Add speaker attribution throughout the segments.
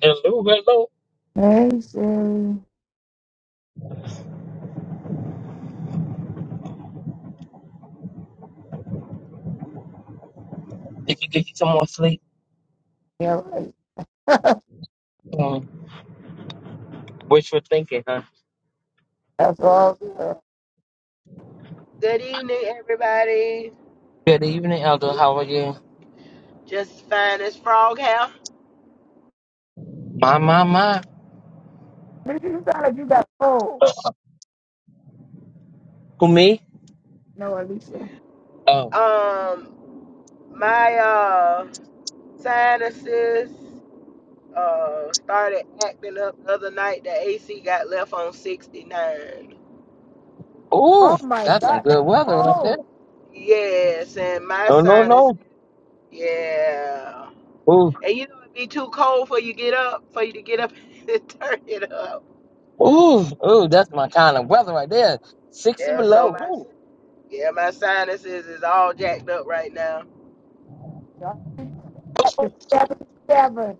Speaker 1: Hello, hello.
Speaker 2: Hey, Sherry.
Speaker 1: Did you get you some more sleep.
Speaker 2: Yeah, right.
Speaker 1: Um, wishful thinking, huh?
Speaker 2: That's all. good.
Speaker 3: Good evening, everybody.
Speaker 1: Good evening, Elder. How are you?
Speaker 3: Just fine as frog hair.
Speaker 1: My, my, my.
Speaker 2: Lisa, you sound like you got cold.
Speaker 1: Who, me?
Speaker 2: No, Alicia.
Speaker 1: Oh,
Speaker 3: Um, my uh sinuses uh started acting up the other night. The AC got left on sixty nine.
Speaker 2: Oh
Speaker 1: ooh,
Speaker 2: my
Speaker 1: that's some
Speaker 2: God,
Speaker 1: good
Speaker 2: that's
Speaker 1: weather right there.
Speaker 2: cold.
Speaker 3: Yes, and my
Speaker 1: No, no,
Speaker 3: sinus,
Speaker 1: no.
Speaker 3: yeah.
Speaker 1: Ooh,
Speaker 3: And you know it'd be too cold for you get up, for you to get up and turn it up.
Speaker 1: ooh, ooh, that's my kind of weather right there. 60
Speaker 3: Yeah, so
Speaker 1: below.
Speaker 3: my
Speaker 1: Ooh.
Speaker 3: yeah my sinuses is all jacked up right now.
Speaker 2: Y'all at the seventy-seven.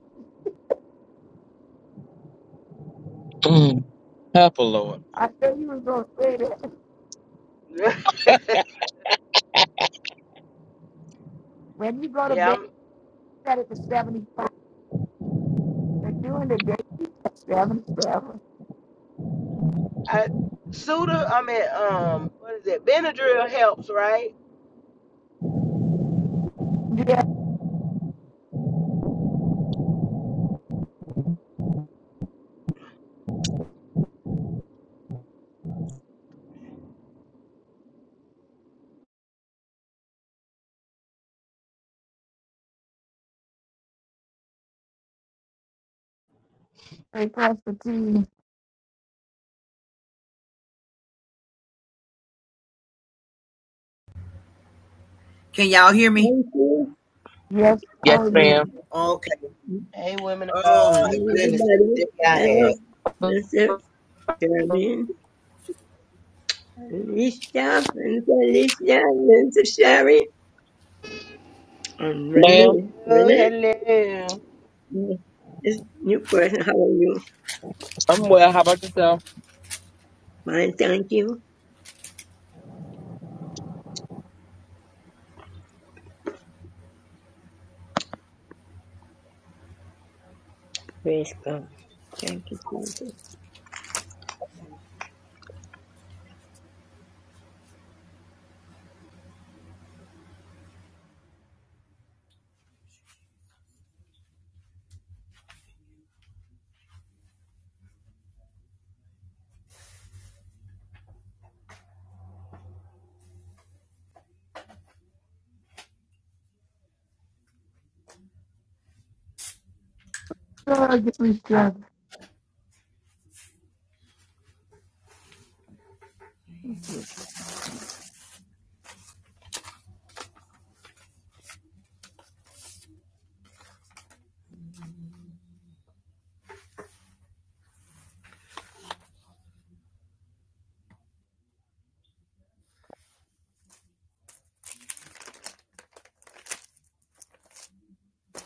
Speaker 1: Mm, help, a Lord.
Speaker 2: I said you was gonna say that. When you go to
Speaker 3: yeah, I'm.
Speaker 2: bed, set it to seventy-five. But during the day, you at seventy-seven.
Speaker 3: I Suda, I mean, um, what is it? Benadryl helps, right?
Speaker 2: Yes, hey, Pastor T.
Speaker 4: Can y'all hear me?
Speaker 5: Thank you,
Speaker 2: Yes,
Speaker 1: Yes,
Speaker 2: how are
Speaker 5: uh,
Speaker 2: you?
Speaker 1: ma'am.
Speaker 4: Okay.
Speaker 3: Hey, women of
Speaker 4: Oh
Speaker 3: God.
Speaker 4: my goodness, the
Speaker 5: everybody.
Speaker 4: day I
Speaker 5: Hello,
Speaker 4: had.
Speaker 5: Mr. Sherman, Alicia, and Alicia, and Sherry, and
Speaker 1: Ma'am,
Speaker 5: Renee.
Speaker 3: Oh,
Speaker 5: Renee,
Speaker 3: hello.
Speaker 5: mm, this new person, how are you?
Speaker 1: I'm well. How about yourself?
Speaker 5: Fine, thank you. Praise God. Thank you, Jesus.
Speaker 2: Good, get me strong.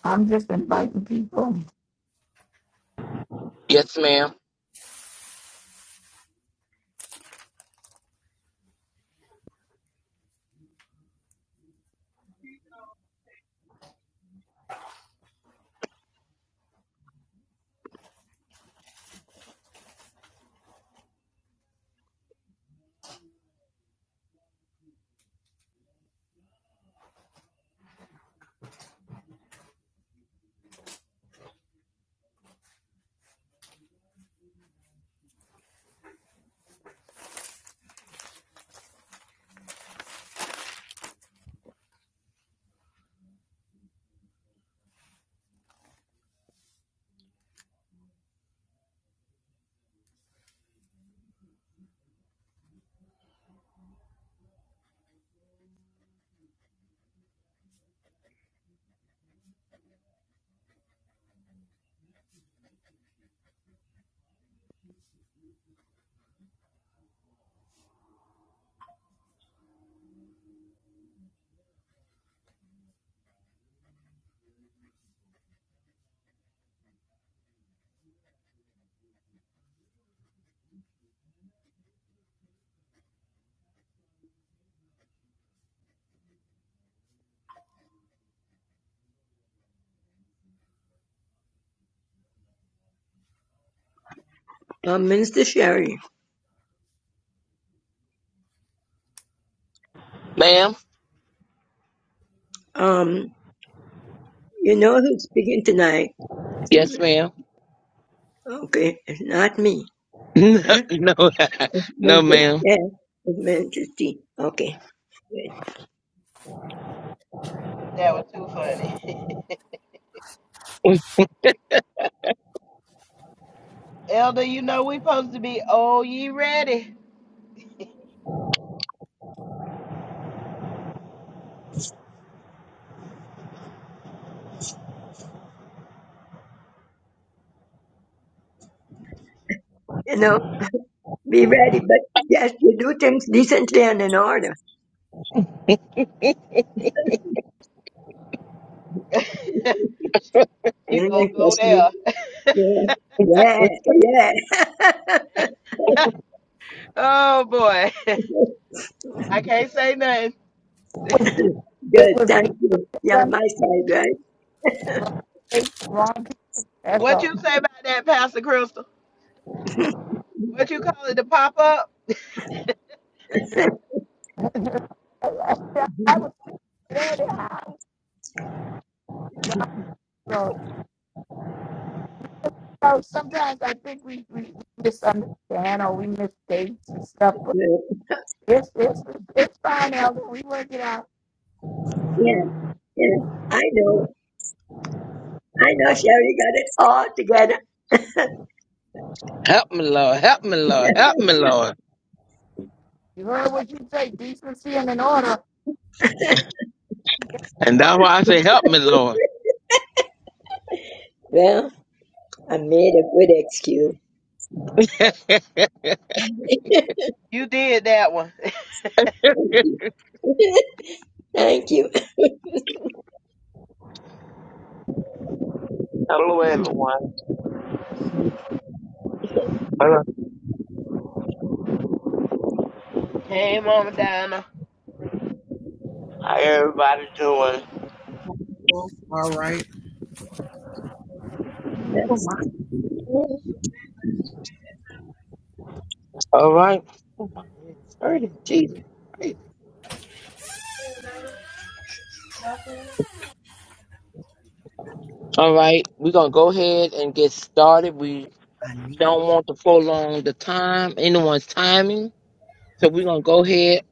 Speaker 2: I'm just inviting people.
Speaker 1: Yes, ma'am.
Speaker 5: Um, Minister Sherry,
Speaker 1: Ma'am?
Speaker 5: um, you know who's speaking tonight. It's,
Speaker 1: Yes,
Speaker 5: n-
Speaker 1: ma'am.
Speaker 5: okay, it's not me.
Speaker 1: No,
Speaker 5: Okay?
Speaker 1: no,
Speaker 5: It's
Speaker 1: no,
Speaker 5: Mr.
Speaker 1: ma'am.
Speaker 5: Yeah, it's Mr. T. Okay.
Speaker 3: That was too funny. Elder, you know we supposed to be oh ye ready.
Speaker 5: You know. be ready. But yes, you do things decently and in order.
Speaker 3: she
Speaker 5: Yeah,
Speaker 3: gonna go
Speaker 5: trust
Speaker 3: there.
Speaker 5: Yeah, yeah, yeah.
Speaker 3: oh boy. I can't say nothing.
Speaker 2: It
Speaker 5: Good,
Speaker 2: was
Speaker 5: thank
Speaker 2: just
Speaker 5: you. Yeah,
Speaker 2: some
Speaker 5: my side, right?
Speaker 2: fake wrong people. That's
Speaker 3: What
Speaker 2: all.
Speaker 3: you say about that, Pastor Crystal? What you call it, the pop up?
Speaker 2: I was ready how God wrote. So sometimes I think we, we misunderstand or we mistake and stuff. But
Speaker 5: yeah,
Speaker 2: it's it's it's fine, Elder. We work it out.
Speaker 5: yeah, yeah. I know. I know Sherry got it all together.
Speaker 1: Help me, Lord. Help me, Lord. Help me, Lord.
Speaker 2: You heard what you say, decency and an order.
Speaker 1: And
Speaker 2: I
Speaker 1: that's why I say, help me, Lord.
Speaker 5: well, I made a good excuse.
Speaker 3: You did that one.
Speaker 5: thank you.
Speaker 6: Hello, everyone.
Speaker 1: All
Speaker 3: hey, Mama Dinah.
Speaker 6: How everybody doing?
Speaker 4: All right.
Speaker 5: yes.
Speaker 1: right. All right. Praise Jesus. All right. We're going to go ahead and get started. We
Speaker 4: I need
Speaker 1: don't
Speaker 4: to
Speaker 1: want to prolong the time, anyone's timing. So we're going to go ahead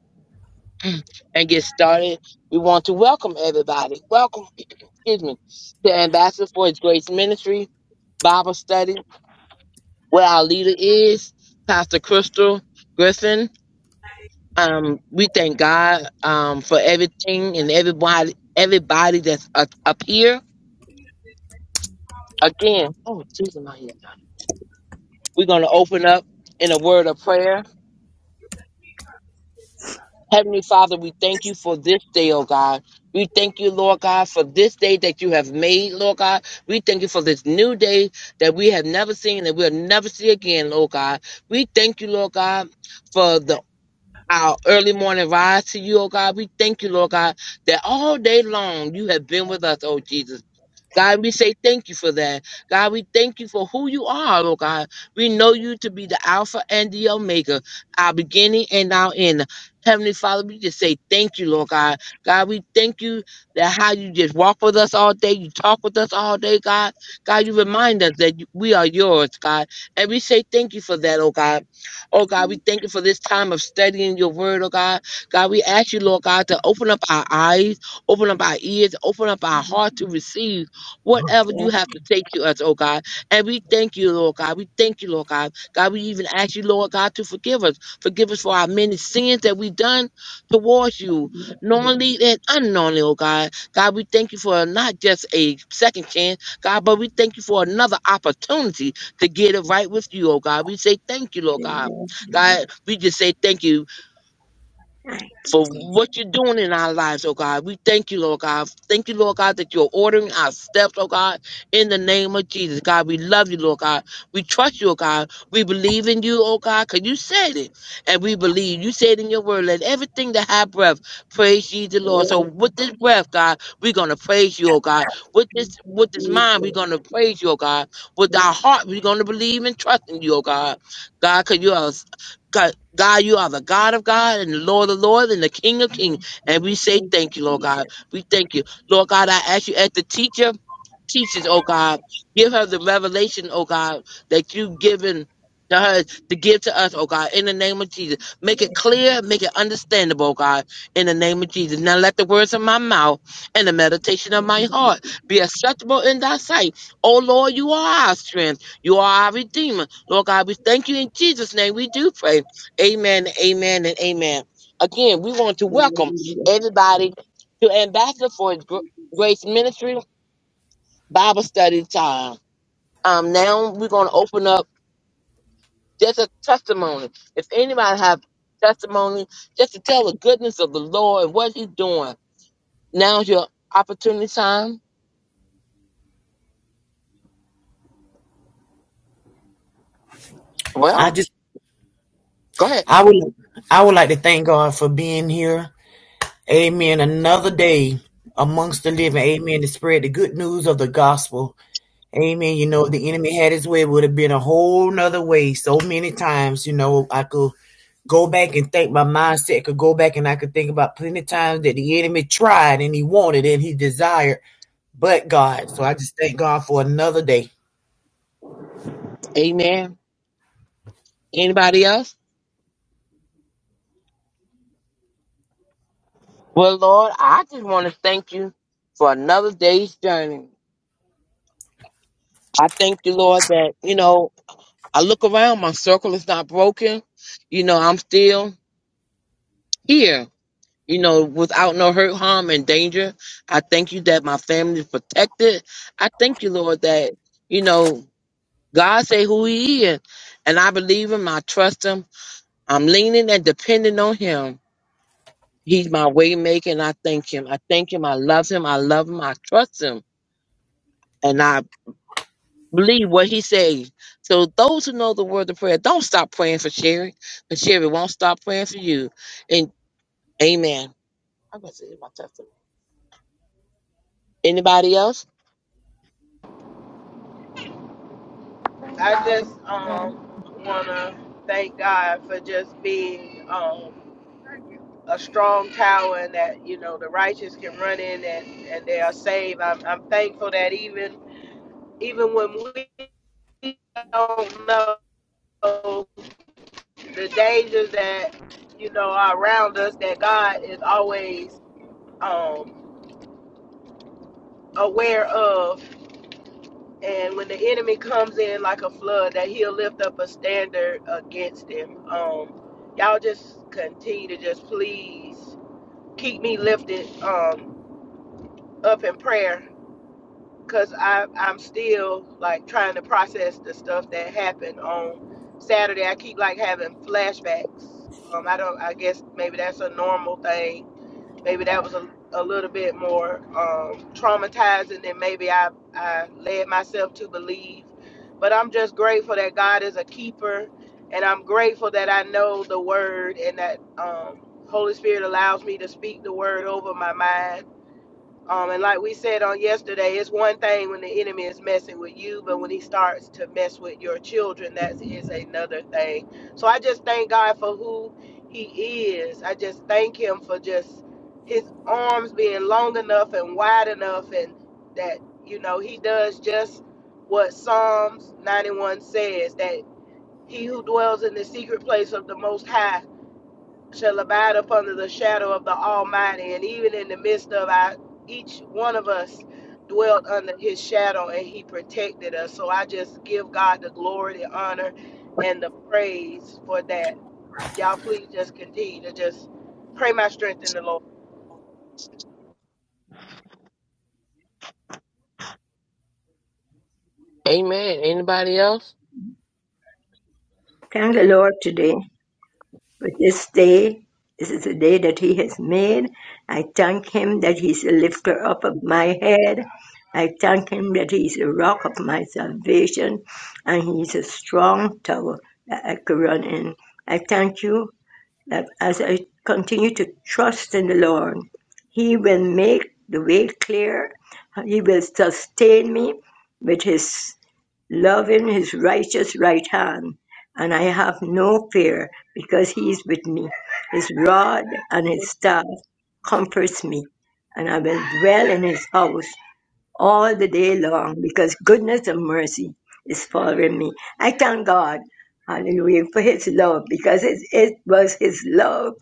Speaker 1: and get started. We want to welcome everybody. Welcome, excuse me, to Ambassador for His Grace Ministry Bible Study, where our leader is Pastor Crystal Griffin. Um, we thank God um, for everything and everybody, everybody that's up, up here. Again, oh Jesus, my ears. We're going to open up in a word of prayer. Heavenly Father, we thank you for this day, oh God. We thank you, Lord God, for this day that you have made, Lord God. We thank you for this new day that we have never seen and we'll never see again, Lord God. We thank you, Lord God, for the our early morning rise to you, oh God. We thank you, Lord God, that all day long you have been with us, oh Jesus. God, we say thank you for that. God, we thank you for who you are, Lord God. We know you to be the Alpha and the Omega, our beginning and our end. Heavenly Father, we just say thank you, Lord God. God, we thank you that how you just walk with us all day, you talk with us all day, God. God, you remind us that you- we are yours, God. And we say thank you for that, oh God. Oh God, we thank you for this time of studying your word, oh God. God, we ask you, Lord God, to open up our eyes, open up our ears, open up our heart to receive whatever
Speaker 5: Yeah.
Speaker 1: you have to take to us, oh God. And we thank you, Lord God. We thank you, Lord God. God, we even ask you, Lord God, to forgive us. Forgive us for our many sins that we've done towards you, knowingly and unknowingly, oh God. God, we thank you for not just a second chance, God, but we thank you for another opportunity to get it right with you, oh God. We say thank you, Lord God.
Speaker 5: yeah, yeah.
Speaker 1: God, we just say thank you
Speaker 5: Thank
Speaker 1: for what you're doing in our lives, oh God. We thank you, Lord God. Thank you, Lord God, that you're ordering our steps, oh God, in the name of Jesus. God, we love you, Lord God. We trust you, oh God. We believe in you, oh God, because you said it. And we believe. You said in your word, let everything that have breath praise ye the Lord. So
Speaker 5: you.
Speaker 1: with this breath, God, we're gonna praise you, oh God. With this with this
Speaker 5: Jesus.
Speaker 1: mind, we're gonna praise you, oh God. With
Speaker 5: Yeah,
Speaker 1: our heart, we're gonna believe and trust in you, oh God. God, because you are God, God, you are the God of God and the Lord of Lord and the King of
Speaker 5: yeah,
Speaker 1: Kings, And we say
Speaker 5: yeah.
Speaker 1: thank you, Lord God.
Speaker 5: Jesus.
Speaker 1: We thank you. Lord God, I ask you as the teacher teaches, oh God. Give her the revelation, oh God, that you've given to her to give to us, oh God, in the name of Jesus. Make it clear, make it understandable, oh God, in the name of Jesus. Now let the words of my mouth and the meditation of my heart be acceptable in thy sight. Oh Lord, you are our strength. You are our redeemer. Lord God, we thank you in Jesus' name. We do pray. Amen, amen, and amen. Again, we want to welcome everybody to Ambassador for His Gr- Grace Ministry Bible study time. Um, now we're going to open up just a testimony. If anybody have testimony, just to tell the goodness of the Lord and what He's doing. Now's your opportunity time.
Speaker 4: I
Speaker 1: Well,
Speaker 4: just
Speaker 1: go ahead.
Speaker 4: I would I would like to thank God for being here. Amen. Another day amongst the living. Amen. To spread the good news of the gospel. Amen. You know, if the enemy had his way, it would have been a whole nother way so many times. You know, I could go back and think my mindset could go back and I could think about plenty of times that the enemy tried and he wanted and he desired. but God. So I just thank God for another day.
Speaker 1: Amen. Anybody else? Well, Lord, I just want to thank you for another day's journey. I thank you, Lord, that you know I look around, my circle is not broken. You know, I'm still here. you know, without no hurt, harm, and danger. I thank you that my family is protected. I thank you, Lord, that, you know, God say who he is. And I believe him. I trust him. I'm leaning and depending on him. He's my way maker, and I thank him. I thank him. I love him. I love him. I trust him. And I believe what he says. So those who know the word of prayer, don't stop praying for Sherry. But Sherry won't stop praying for you. And amen. I'm going to say my testimony. Anybody else?
Speaker 2: thank
Speaker 3: I just
Speaker 2: God.
Speaker 3: um wanna thank God for just being um a strong tower and that you know the righteous can run in and, and they are saved. I'm, I'm thankful that even even when we don't know the dangers that you know are around us, that God is always um, aware of. And when the enemy comes in like a flood, that He'll lift up a standard against him. Um, y'all just continue to just please keep me lifted um, up in prayer because I'm i I'm still like trying to process the stuff that happened on Saturday. I keep like having flashbacks. Um, I don't. I guess maybe that's a normal thing. Maybe that was a, a little bit more um, traumatizing than maybe I I led myself to believe. But I'm just grateful that God is a keeper, and I'm grateful that I know the word and that um, Holy Spirit allows me to speak the word over my mind um, and like we said on yesterday, it's one thing when the enemy is messing with you, but when he starts to mess with your children, that is another thing. So I just thank God for who he is. I just thank him for just his arms being long enough and wide enough, and that, you know, he does just what Psalms 91 says that he who dwells in the secret place of the Most High shall abide up under the shadow of the Almighty. And even in the midst of our, each one of us dwelt under his shadow and he protected us. So I just give God the glory, the honor, and the praise for that. Y'all please just continue to just pray my strength in the Lord.
Speaker 1: Amen. Anybody else?
Speaker 5: Thank the Lord today for this day. This is the day that He has made. I thank Him that He's the lifter up of my head. I thank Him that He's the rock of my salvation and He's a strong tower that I can run in. I thank you that as I continue to trust in the Lord, He will make the way clear. He will sustain me with His love in his righteous right hand, and I have no fear, because he is with me. His rod and his staff comforts me, and I will dwell in his house all the day long, because goodness and mercy is following me. I thank God, hallelujah, for his love, because it, it was his love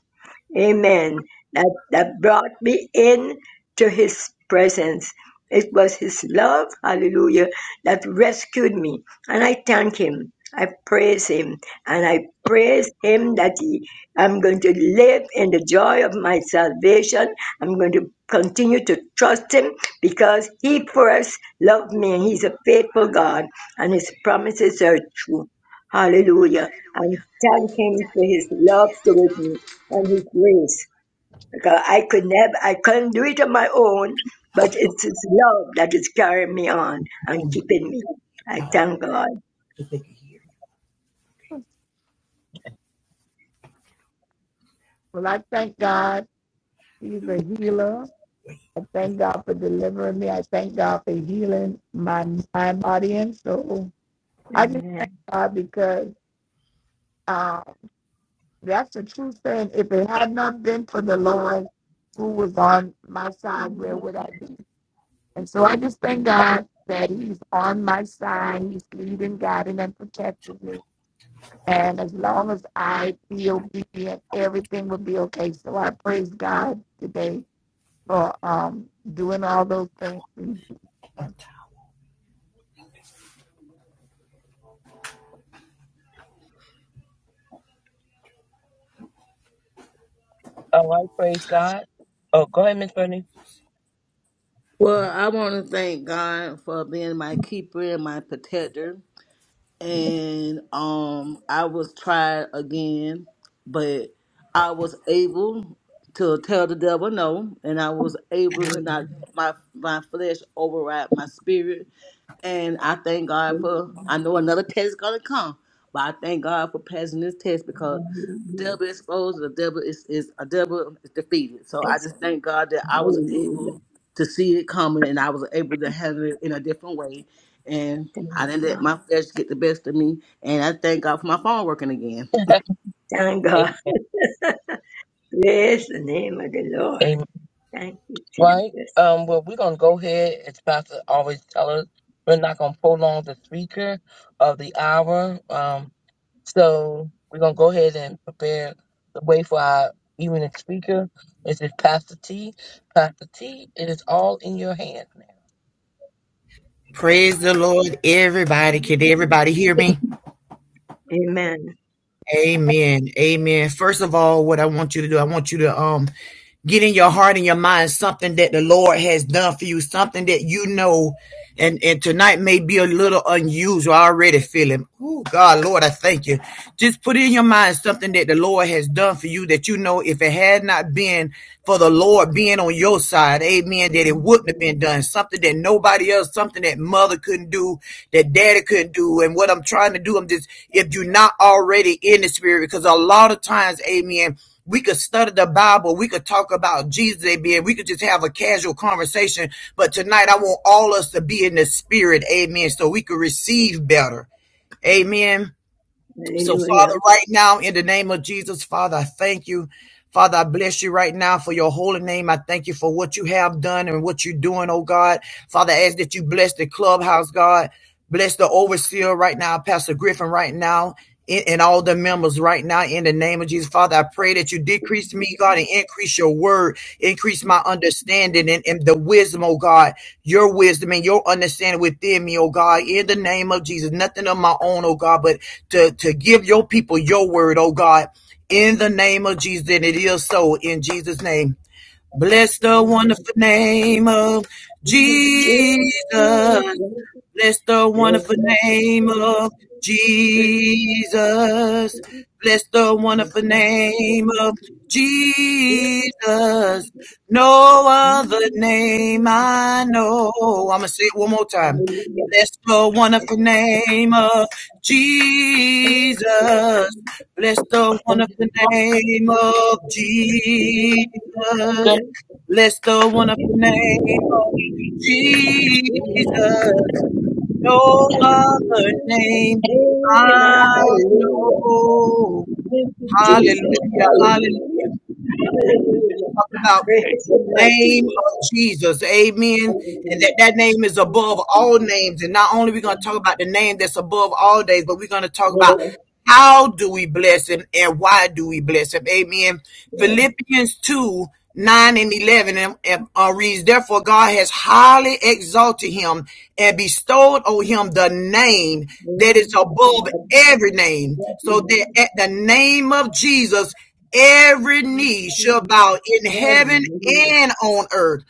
Speaker 5: Amen. That, that brought me in to his presence. It was his love, hallelujah, that rescued me. And I thank him. I praise him. And I praise him that he, I'm going to live in the joy of my salvation. I'm going to continue to trust him because he first loved me and he's a faithful God and his promises are true. Hallelujah. And thank him for his love towards me and His grace. Because I could never, I couldn't do it on my own, but it's His love that is carrying me on and
Speaker 4: Oh,
Speaker 5: keeping me. I thank God.
Speaker 2: well, I thank God. He's a healer. I thank God for delivering me. I thank God for healing my mind, body, and soul. I just thank
Speaker 5: Amen.
Speaker 2: God because uh, that's the true thing. If it had not been for the Lord who was on my side, where would I be? And so I just thank God that He's on my side. He's leading, guiding, and protecting me. And as long as I be obedient, everything will be okay. So I praise God today for um doing all those things.
Speaker 1: Oh, I praise God. Oh, go ahead, Miss Bernie.
Speaker 7: Well, I want to thank God for being my keeper and my protector and um I was tried again, but I was able to tell the devil no, and I was able to not let my my flesh override my spirit. And I thank God for I know another test is gonna come, but I thank God for passing this test because the devil is exposed, the devil is, is a devil is defeated. So I
Speaker 5: Yes,
Speaker 7: just thank God that I was
Speaker 5: hallelujah.
Speaker 7: able to see it coming and I was able to handle it in a different way and
Speaker 5: Thank
Speaker 7: I didn't let
Speaker 5: God.
Speaker 7: my flesh get the best of me. And I thank God for my phone working again.
Speaker 5: Thank
Speaker 1: A-
Speaker 5: God. Praise the name of the Lord.
Speaker 1: Amen.
Speaker 5: Thank you,
Speaker 1: Right?
Speaker 5: Jesus.
Speaker 1: Um, well, we're going to go ahead, as Pastor always tell us, we're not going to prolong the speaker of the hour. Um, so we're going to go ahead and prepare the way for our evening speaker. This is Pastor T. Pastor T, it is all in your hands now.
Speaker 4: Praise the Lord, everybody. Can everybody hear me?
Speaker 5: Amen.
Speaker 4: Amen. Amen. First of all, what I want you to do, I want you to um get in your heart and your mind something that the Lord has done for you, something that you know. And, and tonight may be a little unusual. I already feel him. Oh, God, Lord, I thank you. Just put in your mind something that the Lord has done for you that you know if it had not been for the Lord being on your side, amen, that it wouldn't have been done. Something that nobody else, something that mother couldn't do, that daddy couldn't do. And what I'm trying to do, I'm just, if you're not already in the spirit, because a lot of times, amen, we could study the Bible, we could talk about Jesus a bit, we could just have a casual conversation. But tonight I want all us to be in the spirit, amen, so we could receive better. Amen. So,
Speaker 5: Hallelujah.
Speaker 4: Father, right now, in the name of Jesus, Father, I thank you. Father, I bless you right now for your holy name. I thank you for what you have done and what you're doing, oh God. Father, I ask that you bless the clubhouse, God. Bless the overseer right now, Pastor Griffin right now, and all the members right now in the name of Jesus. Father, I pray that you decrease me, God, and increase your word, increase my understanding and, and the wisdom, oh God, your wisdom and your understanding within me, oh God, in the name of Jesus. Nothing of my own, oh God, but to, to give your people your word, oh God, in the name of Jesus. And it is so in Jesus' name. Bless the
Speaker 5: Amen.
Speaker 4: wonderful name of
Speaker 5: Jesus.
Speaker 4: Jesus. Bless the wonderful name of Jesus. Bless the wonderful name of
Speaker 5: Bless your
Speaker 4: Jesus. No other
Speaker 5: name.
Speaker 4: name I know. I'm going to say it one more time.
Speaker 5: Hallelujah.
Speaker 4: Bless the
Speaker 5: Yes,
Speaker 4: wonderful
Speaker 5: Jesus.
Speaker 4: name of Jesus. Bless the wonderful name of Jesus. Bless the
Speaker 5: Yes,
Speaker 4: wonderful name of Jesus no
Speaker 5: Jesus.
Speaker 4: other name I
Speaker 5: Hallelujah.
Speaker 4: know.
Speaker 5: Thank you,
Speaker 4: Hallelujah,
Speaker 5: Jesus.
Speaker 4: hallelujah.
Speaker 5: Hallelujah. Hallelujah.
Speaker 4: Talk about
Speaker 5: Praise
Speaker 4: the
Speaker 5: your mighty
Speaker 4: name of
Speaker 5: name.
Speaker 4: Jesus. Amen. And that,
Speaker 5: Hallelujah.
Speaker 4: that name is
Speaker 5: Thank you,
Speaker 4: above all names. And not only we are we going to talk about the name that's above all names, but we're going to talk about
Speaker 5: Jesus.
Speaker 4: how do we bless him and why do we bless him. Amen. Philippians 2 9 and 11 and, uh, reads, Therefore, God has highly exalted him and bestowed on him the name
Speaker 5: Hallelujah.
Speaker 4: that is above
Speaker 5: Hallelujah.
Speaker 4: every name, so that at the name of Jesus, every knee shall bow in heaven and on earth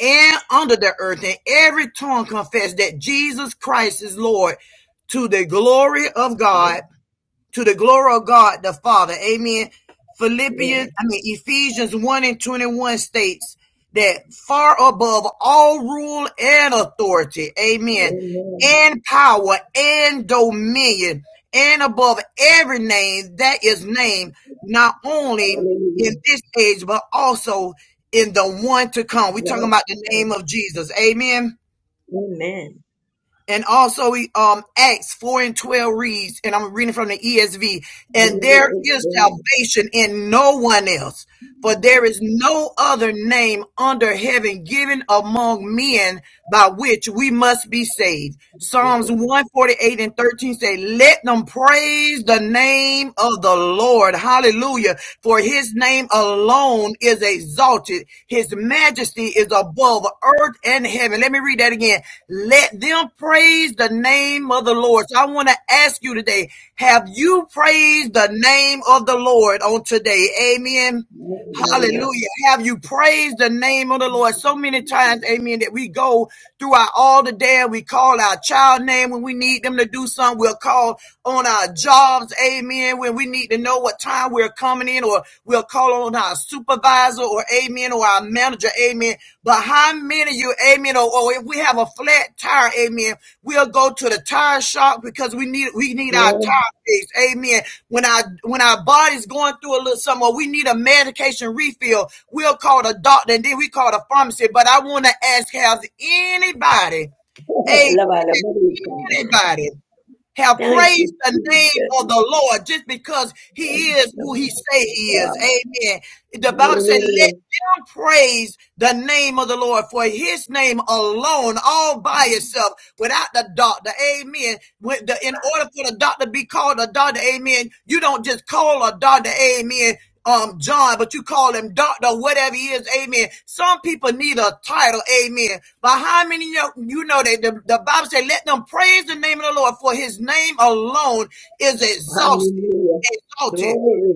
Speaker 4: and under the earth, and every tongue confess that Jesus Christ is Lord to the glory of God to the glory of God the Father. Amen.
Speaker 5: Yes.
Speaker 4: Philippians, I mean Ephesians 1 and 21 states that far above all rule and authority, amen,
Speaker 5: Amen.
Speaker 4: and power and dominion, and above every name that is named, not only in
Speaker 5: Hallelujah.
Speaker 4: this age, but also in the one to come. We're talking
Speaker 5: Yes.
Speaker 4: about the name of Jesus. Amen.
Speaker 5: Amen.
Speaker 4: And also, um, Acts 4 and 12 reads, and I'm reading from the ESV, and there is
Speaker 5: Hallelujah.
Speaker 4: salvation in no one else, for there is no other name under heaven given among men by which we must be saved. Psalms 148 and 13 say, let them praise the name of the Lord. Hallelujah. For his name alone is exalted. His majesty is above earth and heaven. Let me read that again. Let them praise the name of the Lord. So I want to ask you today, have you praised the name of the Lord on today? Amen.
Speaker 5: Hallelujah.
Speaker 4: Hallelujah. Have you praised the name of the Lord so many times? Amen. That we go throughout all the day and we call our child name when we need them to do something. We'll call on our jobs. Amen. When we need to know what time we're coming in or we'll call on our supervisor or amen or our manager. Amen. But how many of you, amen, or, or if we have a flat tire, amen, we'll go to the tire shop because we need we need our
Speaker 5: Yeah.
Speaker 4: tire fixed, amen. When our when our body's going through a little something, or we need a medication refill, we'll call the doctor and then we call the pharmacy. But I want to ask, has anybody, a
Speaker 5: Love, I love you, Lord.
Speaker 4: anybody, have
Speaker 5: Thank you,
Speaker 4: praised the
Speaker 5: Jesus.
Speaker 4: name
Speaker 5: Thank
Speaker 4: of the Lord just because He is
Speaker 5: you,
Speaker 4: who He say He is,
Speaker 5: God.
Speaker 4: amen. The Bible said, "Let
Speaker 5: Hallelujah.
Speaker 4: him praise the name of the Lord for his name alone, all by itself, without the doctor. Amen. With the, in order for the doctor to be called a doctor, amen, you don't just call a doctor, amen. Um, John, but you call him doctor, whatever he is, amen. Some people need a title, amen. But how many you know, you know that the, the Bible says, let them praise the name of the Lord, for his name alone is exhausted,
Speaker 5: Hallelujah.
Speaker 4: exalted
Speaker 5: Glory.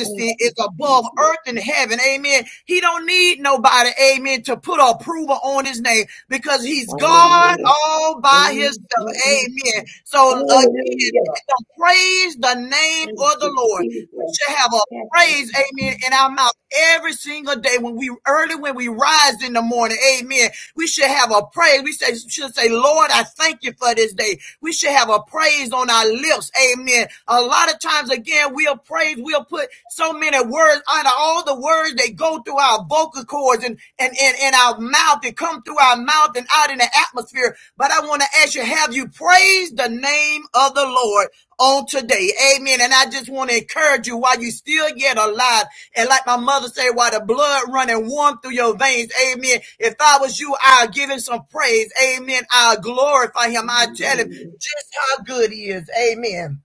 Speaker 5: Thank
Speaker 4: is
Speaker 5: you,
Speaker 4: above
Speaker 5: Jesus.
Speaker 4: earth and heaven. Amen. He don't need nobody, amen, to put approval on his name because he's God
Speaker 5: Hallelujah.
Speaker 4: all by himself.
Speaker 5: Amen.
Speaker 4: Amen. So again,
Speaker 5: Hallelujah.
Speaker 4: don't praise the name
Speaker 5: Thank
Speaker 4: of the
Speaker 5: you,
Speaker 4: Lord.
Speaker 5: Jesus.
Speaker 4: We should have a
Speaker 5: Thank you.
Speaker 4: praise, amen, in our mouth every single day when we early when we rise in the morning. Amen. We should have a praise. We say should say, Lord, I thank you for this day. We should have a praise on our lips. Amen. A lot of times, again, we'll praise, we'll put so many words under all the words that go through our vocal cords and, and, and, and our mouth and come through our mouth and out in the atmosphere. But I want to ask you, have you praised the name of the Lord? on today. Amen. And I just want to encourage you while you still yet alive. And like my mother said, while the blood running warm through your veins. Amen. If I was you, I'll give him some praise. Amen. I'll glorify him. I'll tell him just how good he is. Amen.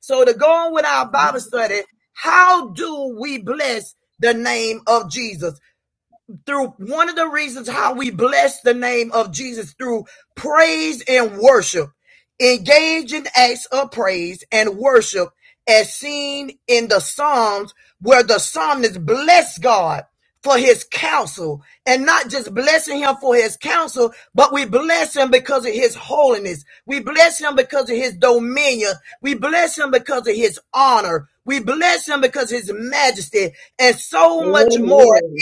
Speaker 4: So to go on with our Bible study, how do we bless the name of Jesus? through one of the reasons how we bless the name of Jesus through praise and worship. Engage in acts of praise and worship as seen in the Psalms where the psalmist blessed God for his counsel and not just blessing him for his counsel, but we bless him because of his holiness. We bless him because of his dominion. We bless him because of his honor. We bless him because of his majesty and so much more
Speaker 5: Hallelujah. Amen.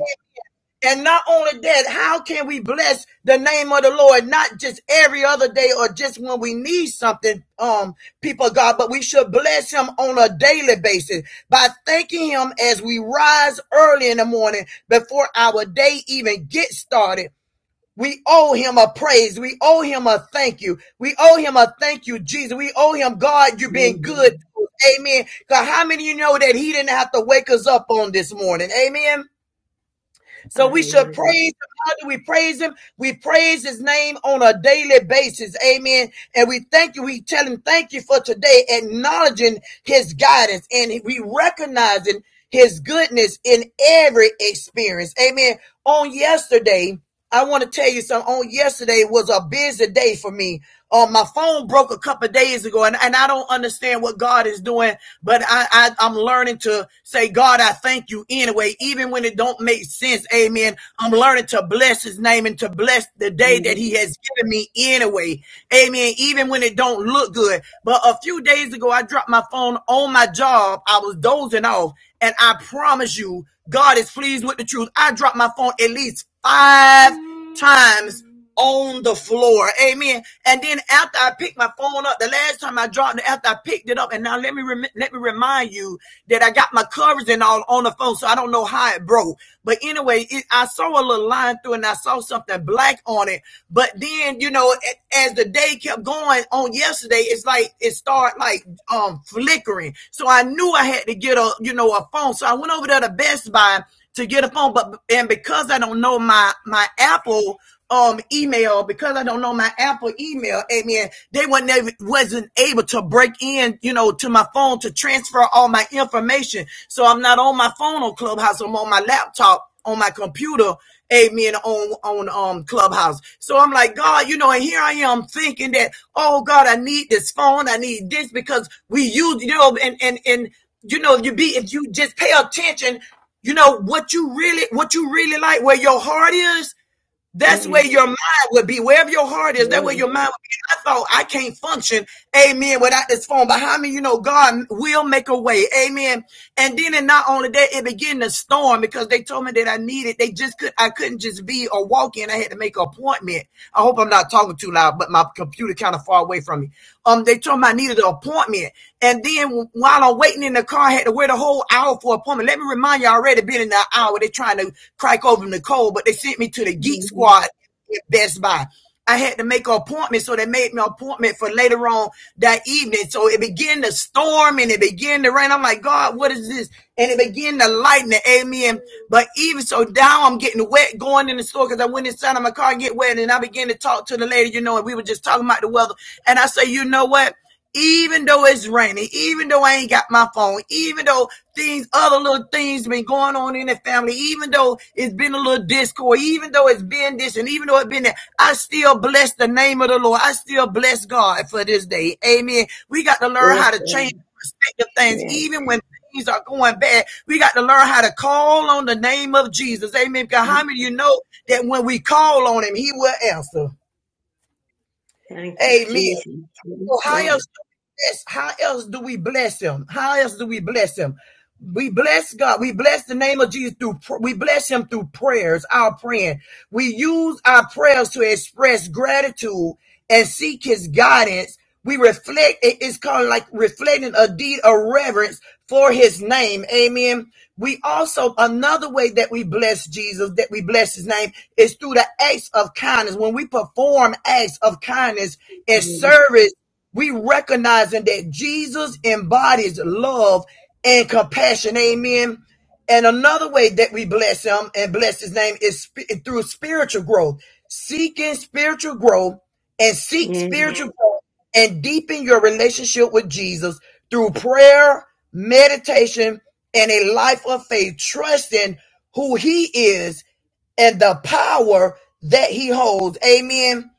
Speaker 4: and not only that, how can we bless the name of the Lord? Not just every other day or just when we need something, um, people of God, but we should bless him on a daily basis by thanking him as we rise early in the morning before our day even gets started. We owe him a praise. We owe him a thank you. We owe him a thank you, Jesus. We owe him, God, you've been
Speaker 5: Amen.
Speaker 4: good. Amen. God, how many of you know that he didn't have to wake us up on this morning? Amen. So we should
Speaker 5: Hallelujah.
Speaker 4: praise him. How do we praise him? We praise his name on a daily basis. Amen. And we thank you. We tell him thank you for today, acknowledging his guidance and we recognizing his goodness in every experience. Amen. On yesterday, I want to tell you something. On yesterday was a busy day for me. Uh, my phone broke a couple of days ago, and, and I don't understand what God is doing, but I, I I'm learning to say, God, I thank you anyway, even when it don't make sense. Amen. I'm learning to bless His name and to bless the day that
Speaker 5: Yes.
Speaker 4: He has given me anyway. Amen. Even when it don't look good. But a few days ago, I dropped my phone on my job. I was dozing off, and I promise you, God is pleased with the truth. I dropped my phone at least five times on the floor. Amen. And then after I picked my phone up, the last time I dropped it, after I picked it up, and now let me rem- let me remind you that I got my covers and all on the phone, so I don't know how it broke. But anyway, it, I saw a little line through, and I saw something black on it. But then, you know, as the day kept going on yesterday, it's like it started like um flickering. So I knew I had to get a you know a phone. So I went over there to Best Buy to get a phone. But and because I don't know my my Apple um email, because I don't know my Apple email, amen. They wasn't able, wasn't able to break in, you know, to my phone to transfer all my information. So I'm not on my phone on Clubhouse. I'm on my laptop on my computer. Amen. On on um Clubhouse. So I'm like, God, you know, and here I am thinking that, oh God, I need this phone, I need this because we use, you know, and and and you know, you be if you just pay attention you know what you really what you really like, where your heart is, that's where
Speaker 5: Mm.
Speaker 4: your mind would be. Wherever your heart is, that's where
Speaker 5: Yes.
Speaker 4: your mind would be. I thought I can't function, amen, without this phone behind me. You know, God will make a way, amen. And then and not only that, it began to storm because they told me that I needed, they just could I couldn't just be or walk in. I had to make an appointment. I hope I'm not talking too loud, but my computer kind of far away from me. Um, they told me I needed an appointment. And then while I'm waiting in the car, I had to wait a whole hour for an appointment. Let me remind you, I already been in that hour. They're trying to crack open the Nicole, but they sent me to the Geek
Speaker 5: Mm.
Speaker 4: Squad at Best Buy. I had to make an appointment, so they made me an appointment for later on that evening. So it began to storm and it began to rain. I'm like, God, what is this? And it began to lighten the amen. But even so, now I'm getting getting wet going in the store because I went inside of my car and get wet. And I began to talk to the lady, you know, and we were just talking about the weather. And I say, you know what? Even though it's raining, even though I ain't got my phone, even though things, other little things been going on in the family, even though it's been a little discord, even though it's been this and even though it's been that, I still bless the name of the Lord. I still bless God for this day. Amen. We got to learn
Speaker 5: Yes.
Speaker 4: how to change perspective things,
Speaker 5: Yes.
Speaker 4: even when things are going bad, we got to learn how to call on the name of Jesus. Amen. Because how many of you know that when we call on him, he will answer?
Speaker 5: Thank you,
Speaker 4: Amen.
Speaker 5: Jesus.
Speaker 4: So
Speaker 5: Yes, Lord.
Speaker 4: how else do we bless? How else do we bless him? How else do we bless him? We bless God. We bless the name of Jesus through. We bless Him through prayers. Our praying. We use our prayers to express gratitude and seek His guidance. We reflect. It's called like reflecting a deed of reverence for His name. Amen. We also another way that we bless Jesus, that we bless His name, is through the acts of kindness. When we perform acts of kindness and
Speaker 5: Mm,
Speaker 4: service we recognizing that Jesus embodies love and compassion. Amen. And another way that we bless him and bless his name is sp- through spiritual growth, seeking spiritual growth and seek
Speaker 5: mm.
Speaker 4: spiritual growth and deepen your relationship with Jesus through prayer, meditation, and a life of faith, trusting who he is and the power that he holds. Amen.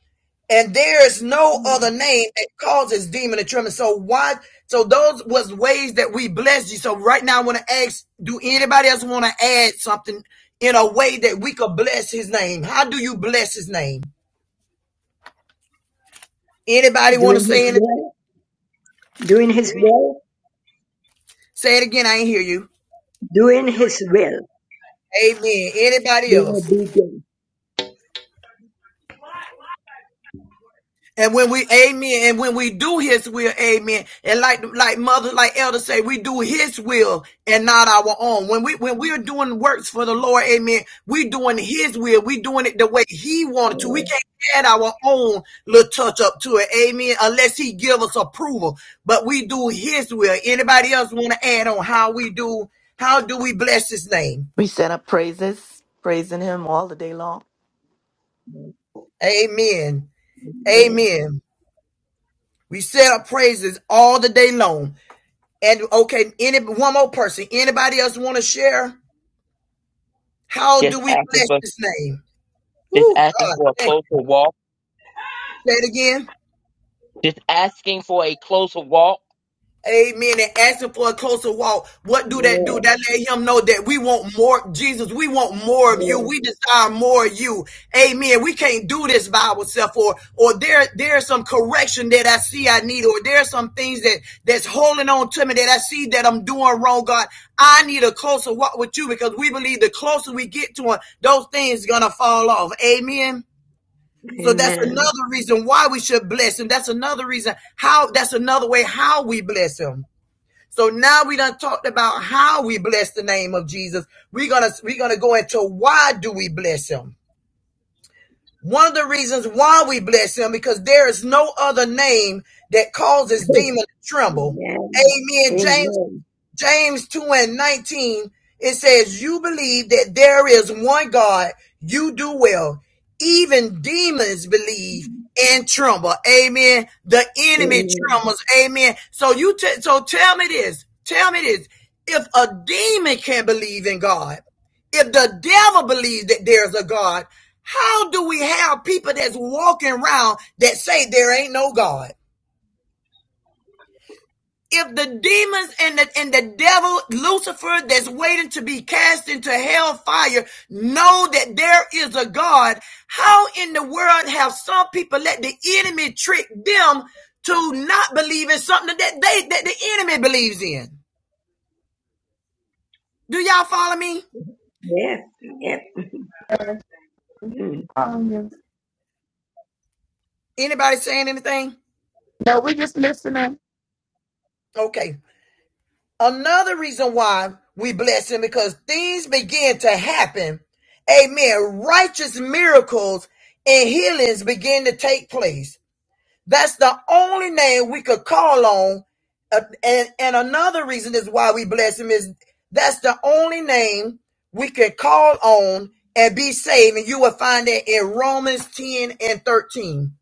Speaker 4: And there is no other name that causes demon to tremble. So why? So those was ways that we blessed you. So right now, I want to ask: Do anybody else want to add something in a way that we could bless His name? How do you bless His name? Anybody want to
Speaker 5: Doing His
Speaker 4: say it?
Speaker 5: will, doing His will,
Speaker 4: Say it again. I ain't hear you.
Speaker 5: doing His will.
Speaker 4: Amen. Anybody
Speaker 5: Being
Speaker 4: else?
Speaker 5: obedient.
Speaker 4: And when we amen, and when we do his will, amen. And like like mother, like elder say, we do his will and not our own. When we when we're doing works for the Lord, amen, we doing his will. We doing it the way he wanted to. We can't add our own little touch up to it, amen, unless he give us approval. But we do his will. Anybody else want to add on how we do, how do we bless his name?
Speaker 8: We set up praises, praising him all the day long.
Speaker 4: Amen.
Speaker 5: Yeah,
Speaker 4: Amen. We set up praises all the day long. And okay, any one more person. Anybody else want to share? How do
Speaker 1: Just
Speaker 4: we
Speaker 1: asking
Speaker 4: bless
Speaker 1: for,
Speaker 4: this name?
Speaker 1: just
Speaker 4: Oh
Speaker 1: asking
Speaker 4: God,
Speaker 1: for a
Speaker 4: thank
Speaker 1: closer
Speaker 4: you.
Speaker 1: walk.
Speaker 4: Say it again.
Speaker 1: Just asking for a closer walk.
Speaker 4: Amen. And asking for a closer walk. What do that do?
Speaker 5: yeah,
Speaker 4: That let him know that we want more, Jesus, we want more of you. We desire more of you. Amen. We can't do this by ourselves or, or there, there's some correction that I see I need, or there's some things that, that's holding on to me that I see that I'm doing wrong, God. I need a closer walk with you because we believe the closer we get to him, those things gonna fall off. Amen.
Speaker 5: yeah.
Speaker 4: So that's
Speaker 5: Amen.
Speaker 4: another reason why we should bless him. That's another reason how, that's another way how we bless him. So now we done talked about how we bless the name of Jesus. We're gonna we're gonna go into why do we bless him. One of the reasons why we bless him because there is no other name that causes demons to tremble.
Speaker 5: Yeah.
Speaker 4: Amen. James
Speaker 5: Amen.
Speaker 4: James 2 and 19, it says, You believe that there is one God, you do well. Even demons believe and tremble. Amen. The enemy
Speaker 5: Amen.
Speaker 4: trembles. Amen. So you t- so tell me this. Tell me this. If a demon can believe in God, if the devil believes that there's a God, how do we have people that's walking around that say there ain't no God? if the demons and the and the devil Lucifer that's waiting to be cast into hell fire know that there is a God, how in the world have some people let the enemy trick them to not believe in something that they that the enemy believes in? Do y'all follow me?
Speaker 5: Yes, yes. Mm.
Speaker 2: yes.
Speaker 4: Anybody saying anything?
Speaker 2: No, we're just listening.
Speaker 4: Okay. Another reason why we bless him because things begin to happen. Amen. Righteous miracles and healings begin to take place. That's the only name we could call on. Uh, and, and another reason is why we bless him is that's the only name we can call on and be saved. And you will find that in Romans 10 and 13.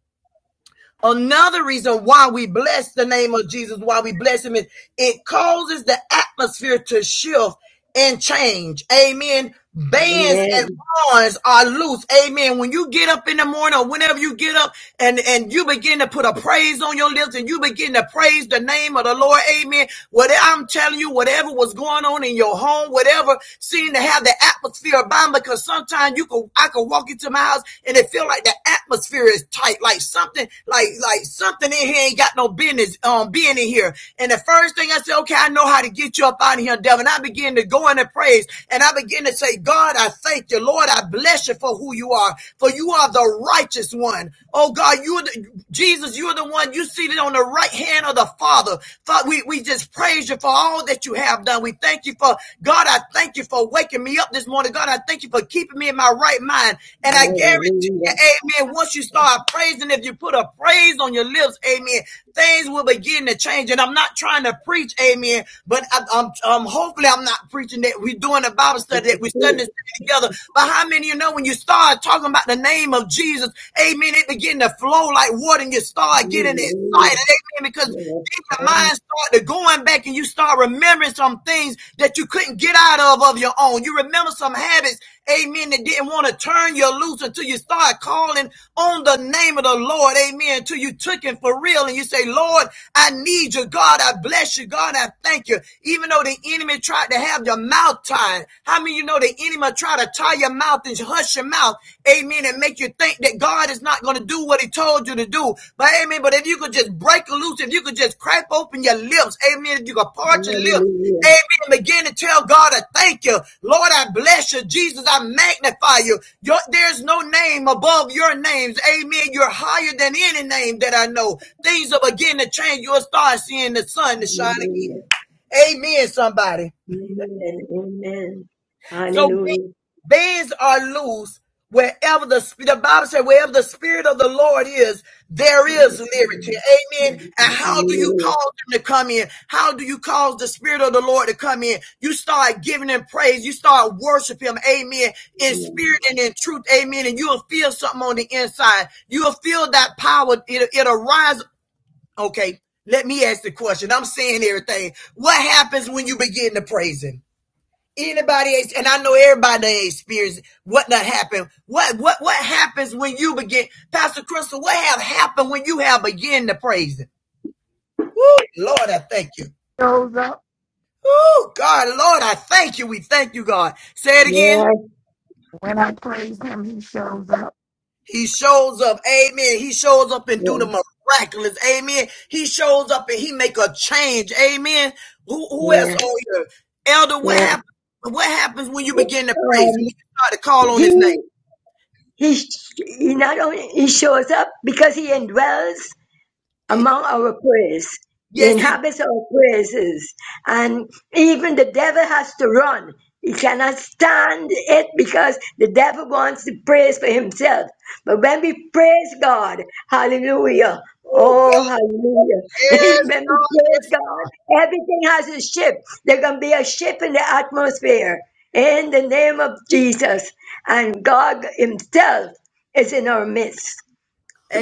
Speaker 4: Another reason why we bless the name of Jesus, why we bless him, is it causes the atmosphere to shift and change. Amen. Bands
Speaker 5: Amen.
Speaker 4: and bonds are loose. Amen. When you get up in the morning or whenever you get up and, and you begin to put a praise on your lips and you begin to praise the name of the Lord. Amen. Whatever I'm telling you, whatever was going on in your home, whatever seemed to have the atmosphere bound because some sometimes you can I can walk into my house and it feel like the atmosphere is tight, like something, like like something in here ain't got no business um being in here. And the first thing I said, okay, I know how to get you up out of here, devil. And I begin to go into praise and I begin to say, God, I thank you, Lord, I bless you for who you are, for you are the righteous one. Oh God, you're the Jesus, you're the one you seated on the right hand of the Father. Father, we, we just praise you for for all that you have done. We thank you for, God, I thank you for waking me up this morning. God, I thank you for keeping me in my right mind. And I guarantee
Speaker 5: Hallelujah.
Speaker 4: you, amen, once you start praising, if you put a praise on your lips, amen, things will begin to change. And I'm not trying to preach, amen, but I, I'm, um, hopefully I'm not preaching that we're doing a Bible study, that we're studying
Speaker 5: Hallelujah.
Speaker 4: this together. But how many of you know when you start talking about the name of Jesus, amen, it begin to flow like water and you start getting excited, amen, because
Speaker 5: Yes.
Speaker 4: then your
Speaker 2: And he
Speaker 4: mind started going back and you start remembering some things that you couldn't get out of of your own. You remember some habits, amen, that didn't want to turn you loose until you start calling on the name of the Lord, amen, until you took him for real and you say, Lord, I need you, God, I bless you, God, I thank you. Even though the enemy tried to have your mouth tied, how many of you know the enemy tried to tie your mouth and hush your mouth? mouth, amen, and make you think that God is not going to do what he told you to do. But amen, but if you could just break loose, if you could just crack open your lips, amen, if you could part your lips,
Speaker 5: Hallelujah.
Speaker 4: Amen. Begin to tell God, I thank you. Lord, I bless you. Jesus, I magnify you. Your, there's no name above your names. Amen. You're higher than any name that I know. Things will begin to change. You'll start seeing the sun to shine
Speaker 5: Hallelujah.
Speaker 4: again. Amen, somebody.
Speaker 5: Amen. Amen.
Speaker 4: So
Speaker 5: Hallelujah.
Speaker 4: ba- bands are loose wherever the the Bible said wherever the spirit of the Lord is, there is
Speaker 5: Yes,
Speaker 4: liberty.
Speaker 5: Lord.
Speaker 4: Amen. And how do you
Speaker 5: Hallelujah.
Speaker 4: cause them to come in? How do you cause the spirit of the Lord to come in? You start giving him praise. You start worshiping him. Amen. In
Speaker 5: Yeah.
Speaker 4: spirit and in truth. Amen. And you'll feel something on the inside. You'll feel that power. It'll, it'll rise. Okay. Let me ask the question. I'm saying everything. What happens when you begin to praise him? Anybody, and I know everybody experienced what that happened. What what what happens when you begin, Pastor Crystal? What have happened when you have begin to praise Him? Woo, Lord, I thank you.
Speaker 2: shows up.
Speaker 4: Oh God, Lord, I thank you. We thank you, God. Say it again.
Speaker 5: Yes,
Speaker 2: When I praise him, he shows up.
Speaker 4: He shows up, Amen. He shows up and do the miraculous, Amen. He shows up and he make a change, Amen. Who who else
Speaker 5: yes,
Speaker 4: on here, Elder? What
Speaker 5: yes,
Speaker 4: happens? What happens when you
Speaker 5: yes.
Speaker 4: begin to praise? When you
Speaker 5: Um,
Speaker 4: start to call on His name?
Speaker 5: he, he, he not only he shows up because he indwells,
Speaker 4: It-
Speaker 5: among our praise, He
Speaker 4: yes, he
Speaker 5: inhabits our praises. And even the devil has to run. He cannot stand it because the devil wants to praise for himself. But when we praise God, hallelujah.
Speaker 4: Ooh, God.
Speaker 5: Oh,
Speaker 4: Yes,
Speaker 5: hallelujah. When we
Speaker 4: God.
Speaker 5: praise God, everything has a shift. There can be a shift in the atmosphere in the name of Jesus. And God Himself is in our midst.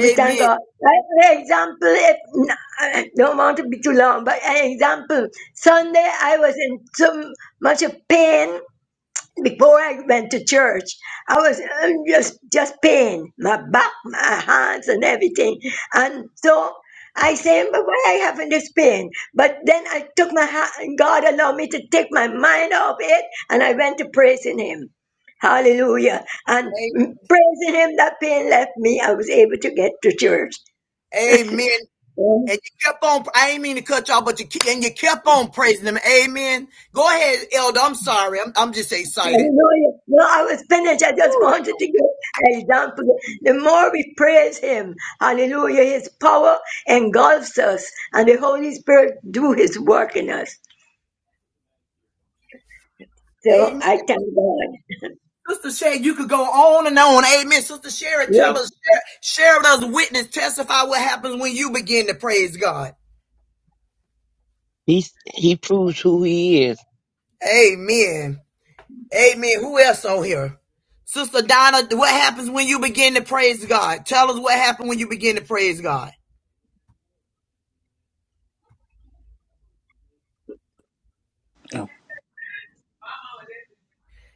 Speaker 5: We thank
Speaker 4: Amen.
Speaker 5: God. Like, an example, if I don't want to be too long, but an example. Sunday, I was in so much of pain before I went to church, I was um, just just pain, my back, my hands, and everything. And so I said, "But why I having this pain?" But then I took my hand, and God allowed me to take my mind off it, and I went to praising Him. Hallelujah! And mm, praising Him, that pain left me. I was able to get to church.
Speaker 4: Amen. And you kept on, I ain't mean to cut y'all, but you keep, and you kept on praising him. Amen. Go ahead, Elder. I'm sorry. I'm, I'm just excited.
Speaker 5: Hallelujah. No, I was finished. I just wanted to get, hey, don't forget, the more we praise him, hallelujah, his power engulfs us and the Holy Spirit do his work in us. So
Speaker 4: Amen.
Speaker 5: I thank God.
Speaker 4: Sister Sherry, you could go on and on. Amen. Sister Sherry, tell
Speaker 5: Yes.
Speaker 4: us, share, share with us, witness, testify what happens when you begin to praise God.
Speaker 1: He's, he proves who he is.
Speaker 4: Amen. Amen. Who else on here? Sister Donna, what happens when you begin to praise God? Tell us what happened when you begin to praise God.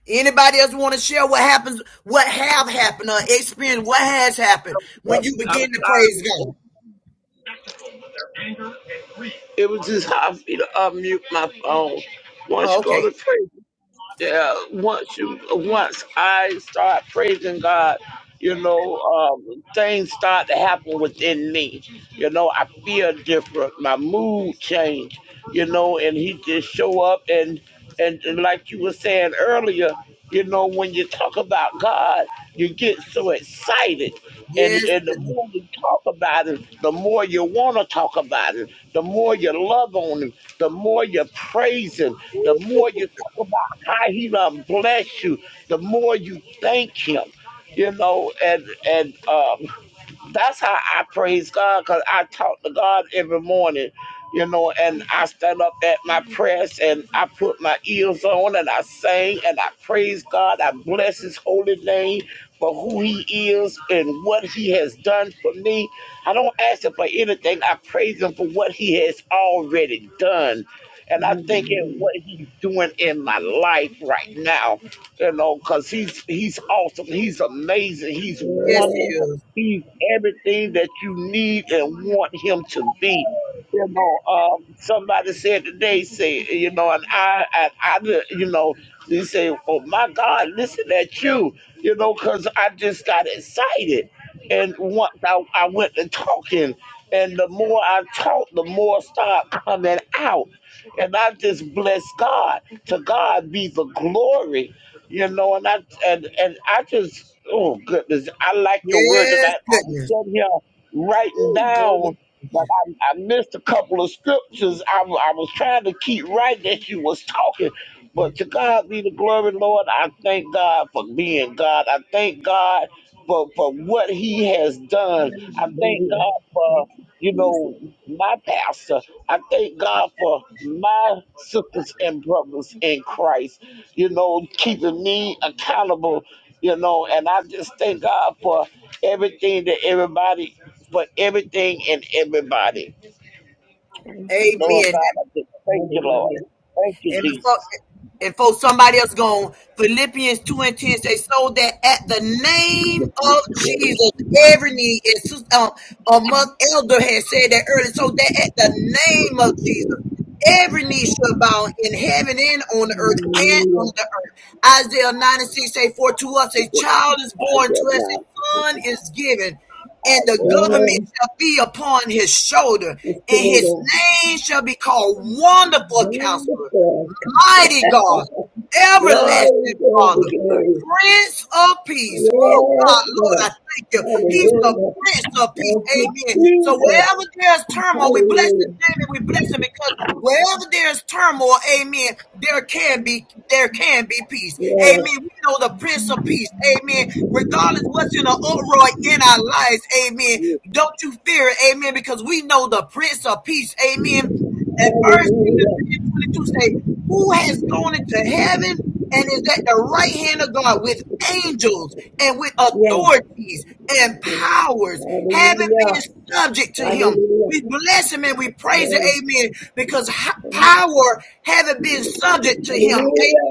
Speaker 4: Anybody else want to share what happens, what have happened, or experience what has happened when you
Speaker 6: I'm,
Speaker 4: begin to praise God?
Speaker 6: it was just hard for me to unmute my phone. Once
Speaker 4: Oh,
Speaker 6: you go
Speaker 4: okay.
Speaker 6: to prayer. yeah, once you once I start praising God, you know, um, things start to happen within me. You know, I feel different. My mood change. You know, and He just show up and and, and like you were saying earlier, you know, when you talk about God, you get so excited. And,
Speaker 4: Yes,
Speaker 6: and the
Speaker 4: goodness.
Speaker 6: more you talk about him, the more you want to talk about him, the more you love on him, the more you praise him, the
Speaker 4: Ooh,
Speaker 6: more you talk about how he done bless you, the more you thank him. You know, and and um, that's how I praise God because I talk to God every morning. You know, and I stand up at my prayers and I put my ears on and I sing and I praise God. I bless His holy name for who he is and what he has done for me. I don't ask him for anything. I praise him for what he has already done. And I think in
Speaker 5: Hallelujah.
Speaker 6: what he's doing in my life right now, you know, because he's he's awesome, he's amazing, he's
Speaker 4: yes, he
Speaker 5: Yes.
Speaker 6: wonderful,
Speaker 4: is.
Speaker 6: he's everything that you need and want him to be you know, um, somebody said today, say, you know, and I, and I, did- you know, they say, oh my God, listen at you, you know, because I just got excited. And once I, I went to talking, and the more I talked, the more started coming out. And I just bless God. To God be the glory, you know, and I, and, and I just, oh goodness, I like your word tonight.
Speaker 4: Yes,
Speaker 6: I was
Speaker 4: goodness.
Speaker 6: sitting here writing
Speaker 4: Ooh, Lord, we
Speaker 6: down.
Speaker 4: praise
Speaker 6: I missed a couple of scriptures. I, w- I was trying to keep right that you was talking,
Speaker 4: you.
Speaker 6: but to God be the glory, Lord. I thank God for being God. I thank God for for what He has done. I thank
Speaker 5: Hallelujah.
Speaker 6: God for you
Speaker 5: Jesus.
Speaker 6: know, my pastor. I thank God for my sisters and brothers in Christ, you know, keeping me accountable, you know, and I just thank God for everything that everybody, for everything and everybody.
Speaker 5: Thank you,
Speaker 6: Lord
Speaker 4: Amen.
Speaker 5: Jesus.
Speaker 6: God, I just thank you, Lord.
Speaker 5: Hallelujah.
Speaker 6: Thank you,
Speaker 4: And before
Speaker 6: Jesus.
Speaker 4: and before somebody else gone, Philippians 2 and 10 say, so that at the name of Jesus, every knee is sus- um, among elder had said that earlier, so that at the name of Jesus, every knee shall bow in heaven and on the earth and on
Speaker 5: Hallelujah.
Speaker 4: the earth. Isaiah 96 say, for to us a child is
Speaker 6: I
Speaker 4: born, to
Speaker 6: will
Speaker 4: us a
Speaker 6: not.
Speaker 4: son is given, and
Speaker 6: I
Speaker 4: the
Speaker 6: will not.
Speaker 4: government
Speaker 5: Yeah.
Speaker 4: shall be upon his shoulder,
Speaker 5: The
Speaker 4: and
Speaker 5: Spirit
Speaker 4: his
Speaker 5: of
Speaker 4: name shall be called Wonderful Counselor
Speaker 5: wonderful comes.
Speaker 4: Mighty God,
Speaker 5: Glory,
Speaker 4: everlasting
Speaker 5: glory,
Speaker 4: Father,
Speaker 5: glory.
Speaker 4: Prince of Peace. Woo,
Speaker 5: Yes,
Speaker 4: God, Lord,
Speaker 5: Lord.
Speaker 4: I thank you. He's the
Speaker 5: Hallelujah.
Speaker 4: Prince of Peace.
Speaker 5: Thank you,
Speaker 4: Amen. So
Speaker 5: Jesus.
Speaker 4: wherever there's turmoil, we bless his
Speaker 5: Hallelujah.
Speaker 4: name and we bless him because wherever there's turmoil, amen, there can be there can be peace. Amen.
Speaker 5: Yes.
Speaker 4: We know the Prince of Peace. Amen. Regardless what's in the uproar in our lives, amen. Don't you fear it, amen, because we know the Prince of Peace. Amen. And first Peter 3
Speaker 5: Hallelujah.
Speaker 4: and 22 say, Who has gone into heaven and is at the right hand of God with angels and with
Speaker 5: Yes.
Speaker 4: authorities and
Speaker 5: Thank you.
Speaker 4: powers, having
Speaker 5: Hallelujah.
Speaker 4: been subject to him.
Speaker 5: Hallelujah.
Speaker 4: We bless him and we praise him,
Speaker 5: Yes.
Speaker 4: amen, because power having been subject to him. Hey,
Speaker 5: Hallelujah.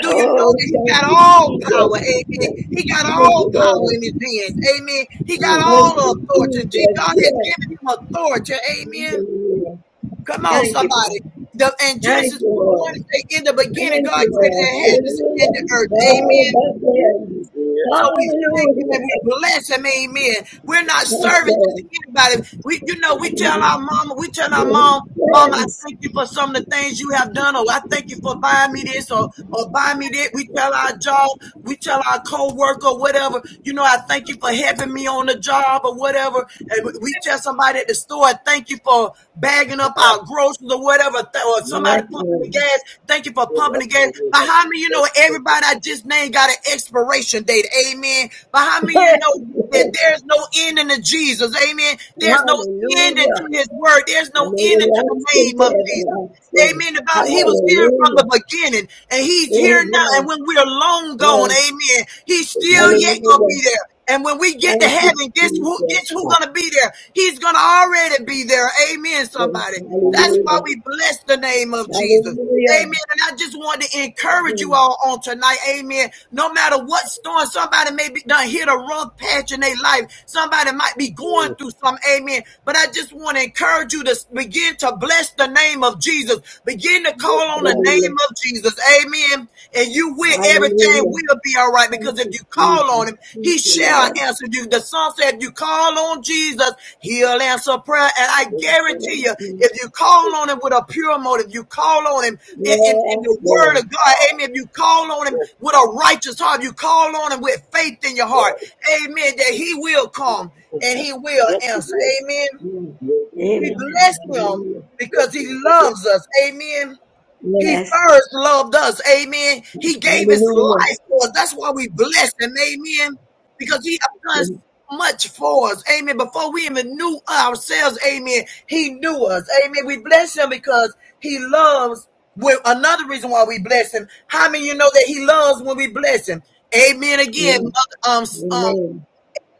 Speaker 4: Do you know that he
Speaker 5: thank
Speaker 4: got
Speaker 5: you,
Speaker 4: all
Speaker 5: Jesus.
Speaker 4: power? Amen. He got
Speaker 5: Thank you,
Speaker 4: all power
Speaker 5: Lord.
Speaker 4: in his hands. Amen. He got
Speaker 6: Mm,
Speaker 5: Thank
Speaker 4: all
Speaker 5: you,
Speaker 4: authority. Gee,
Speaker 5: Jesus.
Speaker 4: God has
Speaker 5: Yes.
Speaker 4: given him authority. Amen.
Speaker 5: Hallelujah.
Speaker 4: Come on,
Speaker 5: Thank you,
Speaker 4: somebody.
Speaker 5: Lord.
Speaker 4: The, and
Speaker 5: Thank
Speaker 4: Genesis
Speaker 5: you,
Speaker 4: 1 and 1
Speaker 5: Lord.
Speaker 4: say, In the beginning,
Speaker 5: Thank
Speaker 4: God
Speaker 5: you,
Speaker 4: created
Speaker 5: Lord.
Speaker 4: the heavens and
Speaker 5: Hallelujah.
Speaker 4: the earth.
Speaker 5: God
Speaker 4: Amen.
Speaker 5: above the heavens.
Speaker 6: yeah.
Speaker 4: So we thank him and
Speaker 5: Hallelujah.
Speaker 4: we bless him, amen. We're not
Speaker 5: Yes,
Speaker 4: serving just
Speaker 5: Lord.
Speaker 4: anybody. We, you know, we tell
Speaker 5: Hallelujah.
Speaker 4: our mama, we tell our
Speaker 5: Yes,
Speaker 4: mom, Mama, I thank you for some of the things you have done, or I thank you for buying me this, or or buying me that. We tell our job, we tell our co-worker, whatever, you know, I thank you for having me on the job or whatever. And we tell somebody at the store, thank you for bagging up our groceries or whatever, or somebody
Speaker 5: yes,
Speaker 4: pumping
Speaker 5: Lord.
Speaker 4: the gas. Thank you for pumping the gas. But how many you know everybody I just named got an expiration date? Amen. But how many you
Speaker 5: Yes,
Speaker 4: know that
Speaker 5: Lord.
Speaker 4: there's no ending to Jesus? Amen. There's no ending to
Speaker 5: Hallelujah.
Speaker 4: his word. There's
Speaker 5: From
Speaker 4: no ending to the
Speaker 5: everlasting
Speaker 4: name
Speaker 5: to
Speaker 4: of Jesus.
Speaker 5: everlasting.
Speaker 4: Amen. About he was here from
Speaker 5: Hallelujah.
Speaker 4: the beginning, and he's here
Speaker 5: Yes,
Speaker 4: now. And
Speaker 5: yes,
Speaker 4: when we're long gone,
Speaker 5: yes.
Speaker 4: amen, he's still
Speaker 6: Mm,
Speaker 4: yet gonna be
Speaker 5: Hallelujah.
Speaker 4: there. And when we get to
Speaker 5: Thank you,
Speaker 4: heaven, guess who?
Speaker 5: Jesus.
Speaker 4: Guess who's gonna be there? He's gonna already be there. Amen.
Speaker 5: Yes,
Speaker 4: Somebody.
Speaker 6: mm,
Speaker 4: That's why
Speaker 5: Hallelujah.
Speaker 4: we bless the name of Jesus. Amen.
Speaker 5: Hallelujah.
Speaker 4: And I just want to encourage you
Speaker 5: Mm,
Speaker 4: all on tonight. Amen. No matter what storm, somebody may be done hit a rough patch in their life. Somebody might be going
Speaker 6: mm.
Speaker 4: through some. Amen. But I just want to encourage you to begin to bless the name of Jesus. Begin to
Speaker 6: Yes,
Speaker 4: call on the
Speaker 6: Lord.
Speaker 5: Hallelujah.
Speaker 4: name of Jesus. Amen. And you will, everything
Speaker 5: Hallelujah.
Speaker 4: will be all right.
Speaker 5: Thank
Speaker 4: Because if
Speaker 5: you,
Speaker 4: you Call
Speaker 5: Jesus.
Speaker 4: on him.
Speaker 5: Thank
Speaker 4: He
Speaker 5: you,
Speaker 4: shall
Speaker 5: Lord.
Speaker 4: answer you. The song said, if you call on Jesus, he'll answer prayer. And I
Speaker 5: Yes,
Speaker 4: guarantee you,
Speaker 5: yes,
Speaker 4: if you call on him with a pure motive, you call on him in, in, in
Speaker 5: Yes,
Speaker 4: the
Speaker 6: Yes,
Speaker 4: word
Speaker 5: Lord.
Speaker 4: of God.
Speaker 6: Lord.
Speaker 4: Amen. If you call on him
Speaker 6: Yes,
Speaker 4: with a righteous heart, you call on him with faith in your heart. Amen. That he will come and he will
Speaker 6: yes,
Speaker 4: answer.
Speaker 6: yes,
Speaker 4: Amen.
Speaker 5: Yes.
Speaker 6: yes.
Speaker 4: We
Speaker 6: yes.
Speaker 5: Amen.
Speaker 4: bless him
Speaker 5: Hallelujah.
Speaker 4: because he
Speaker 6: with it,
Speaker 4: loves us. Amen. He
Speaker 5: Yes.
Speaker 4: first loved us. Amen. He gave his
Speaker 5: Hallelujah.
Speaker 4: life for us. That's why we bless him. Amen. Because he has done
Speaker 5: Yes.
Speaker 4: so much for us. Amen. Before we even knew ourselves. Amen. He knew us. Amen. We bless him because he loves. Well, another reason why we bless him. How many of you know that he loves when we bless him? Amen. Again,
Speaker 5: Yes.
Speaker 4: Mother, um, um,
Speaker 5: Amen.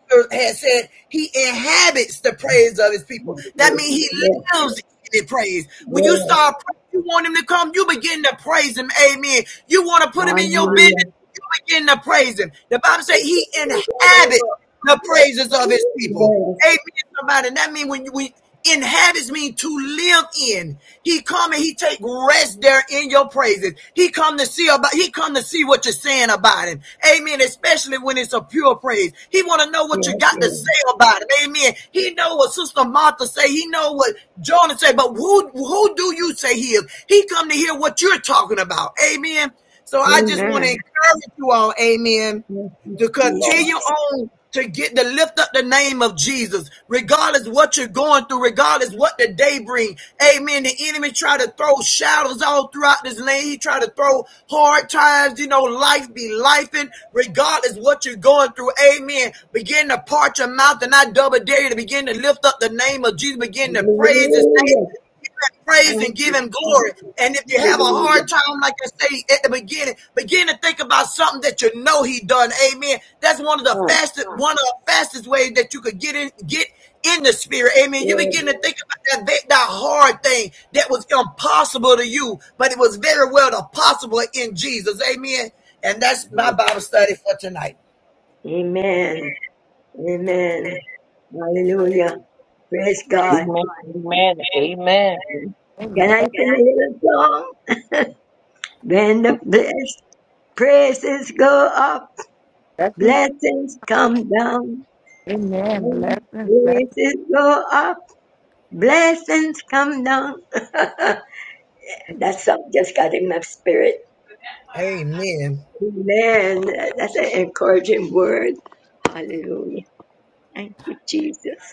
Speaker 4: scripture had said he inhabits the praise of his people.
Speaker 5: Yes.
Speaker 4: That means he
Speaker 5: Yes.
Speaker 4: lives in the praise. When you
Speaker 5: Yes.
Speaker 4: start praying, you want him to come, you begin to praise him. Amen. You want to put him in your business,
Speaker 5: Hallelujah.
Speaker 4: you begin to praise him. The Bible says he inhabits the praises of his people.
Speaker 5: Yes.
Speaker 4: Amen, somebody. That means when you we inhabits mean to live in. He come and he take rest there in your praises. He come to see about he come to see what you're saying about him. Amen. Especially when it's a pure praise. He want to know what you
Speaker 5: Yes.
Speaker 4: got to
Speaker 5: Lord.
Speaker 4: say about him. Amen. He know what Sister Martha say. He know what Jonah say. But who who do you say he is? He come to hear what you're talking about. Amen. So I just want to
Speaker 5: Amen.
Speaker 4: encourage you all. Amen
Speaker 5: Thank you,
Speaker 4: to
Speaker 6: Lord.
Speaker 5: Jesus.
Speaker 4: continue on to get to lift up the name of Jesus, regardless what you're going through, regardless what the day bring. Amen. The enemy try to throw shadows all throughout this land. He try to throw hard times. You know, life be lifing. regardless what you're going through. Amen. Begin to part your mouth, and I double dare you to begin to lift up the name of Jesus. Begin to praise His name
Speaker 5: Hallelujah.
Speaker 4: praise
Speaker 5: Thank
Speaker 4: and give
Speaker 5: you,
Speaker 4: him glory.
Speaker 5: Jesus.
Speaker 4: And if you have a
Speaker 5: Hallelujah.
Speaker 4: hard time, like I say at the beginning, begin to think about something that you know he done. Amen. That's one of the fastest, one of the fastest ways that you could get in, get in the spirit. Amen. You
Speaker 5: Yes.
Speaker 4: begin to think about that, that, that hard thing that was impossible to you, but it was very well possible in Jesus. Amen. And that's my Bible study for tonight.
Speaker 5: Amen. Amen. Hallelujah. Praise God.
Speaker 1: Amen. Amen. Amen.
Speaker 2: Amen.
Speaker 5: Can I sing a little song? When the blessed praises go up,
Speaker 2: Blessings.
Speaker 5: blessings come down.
Speaker 2: Amen. Blessings. Blessings.
Speaker 5: Praises go up, blessings come down. Uh, That song just got in my spirit.
Speaker 4: Amen.
Speaker 5: Amen. That's an encouraging word. Hallelujah. Thank you, Jesus.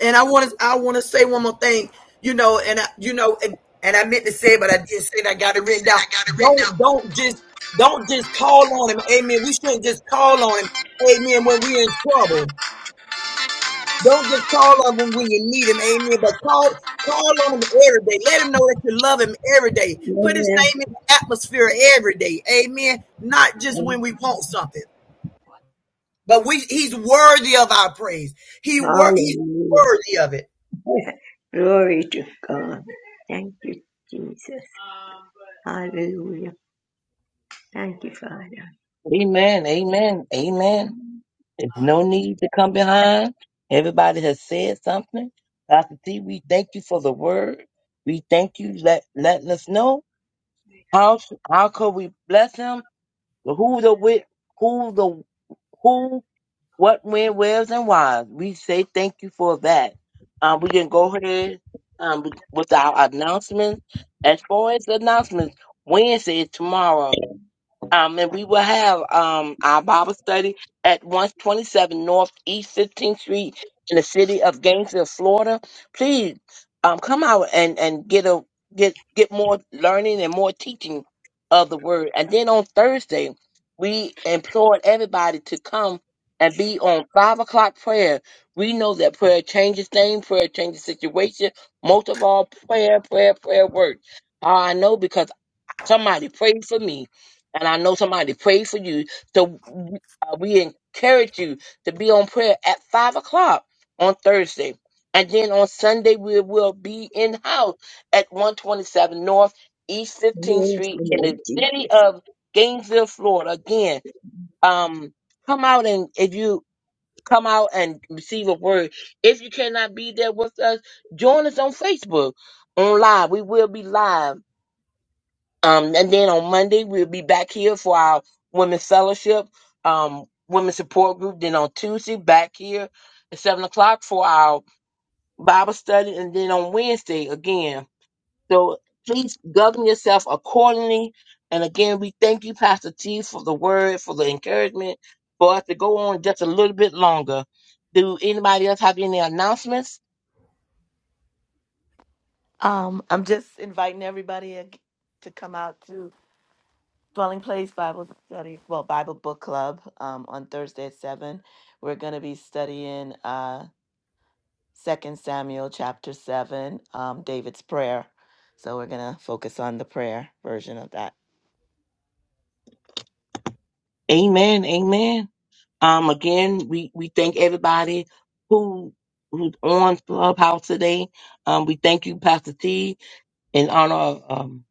Speaker 4: And I want to I want to say one more thing, you know, and I, you know, and, and I meant to say, it, but I didn't say it. I got it written down. Don't don't just don't just call on him. Amen. We shouldn't just call on him. Amen. When we're in trouble, don't just call on him when you need him. Amen. But call call on him every day. Let him know that you love him every day. Put his
Speaker 5: Amen.
Speaker 4: name in the atmosphere every day. Amen. Not just when we want something, but we he's worthy of our praise. He wor- he's
Speaker 5: Hallelujah.
Speaker 4: worthy of it.
Speaker 5: Glory to God. Thank you, Jesus. Hallelujah. Thank you, Father.
Speaker 1: Amen. Amen. Amen. There's no need to come behind. Everybody has said something. Pastor T, we thank you for the word. We thank you let letting us know how how could we bless him, who the wit, who the who, what, when, where's, and why. We say thank you for that. Um, we can go ahead um with with our announcements. As far as the announcements, Wednesday is tomorrow. Um, and we will have um, our Bible study at 127 Northeast 15th Street in the city of Gainesville, Florida. Please um, come out and, and get a get get more learning and more teaching of the word. And then on Thursday, we implored everybody to come and be on five o'clock prayer. We know that prayer changes things, prayer changes situation. Most of all, prayer, prayer, prayer works. How I know because Somebody prayed for me, and I know somebody prayed for you. So uh, we encourage you to be on prayer at five o'clock on Thursday, and then on Sunday we will be in house at one twenty seven North East Fifteenth
Speaker 5: Yes,
Speaker 1: Street in
Speaker 5: Lord
Speaker 1: the city
Speaker 5: Jesus.
Speaker 1: of Gainesville, Florida. Again, um, come out and if you come out and receive a word, if you cannot be there with us, join us on Facebook on live. We will be live um, and then on Monday, we'll be back here for our women's fellowship, um, women's support group. Then on Tuesday, back here at seven o'clock for our Bible study. And then on Wednesday again. So please govern yourself accordingly. And again, we thank you, Pastor T, for the word, for the encouragement for us to go on just a little bit longer. Do anybody else have any announcements?
Speaker 8: Um, I'm just inviting everybody ag- to come out to Dwelling Place Bible Study, well, Bible Book Club um, on Thursday at 7. We're going to be studying uh, 2 Samuel chapter 7, um, David's prayer. So we're going to focus on the prayer version of that.
Speaker 1: Amen. Amen. Um, again, we, we thank everybody who who's on Clubhouse today. Um, we thank you, Pastor T, in honor of um,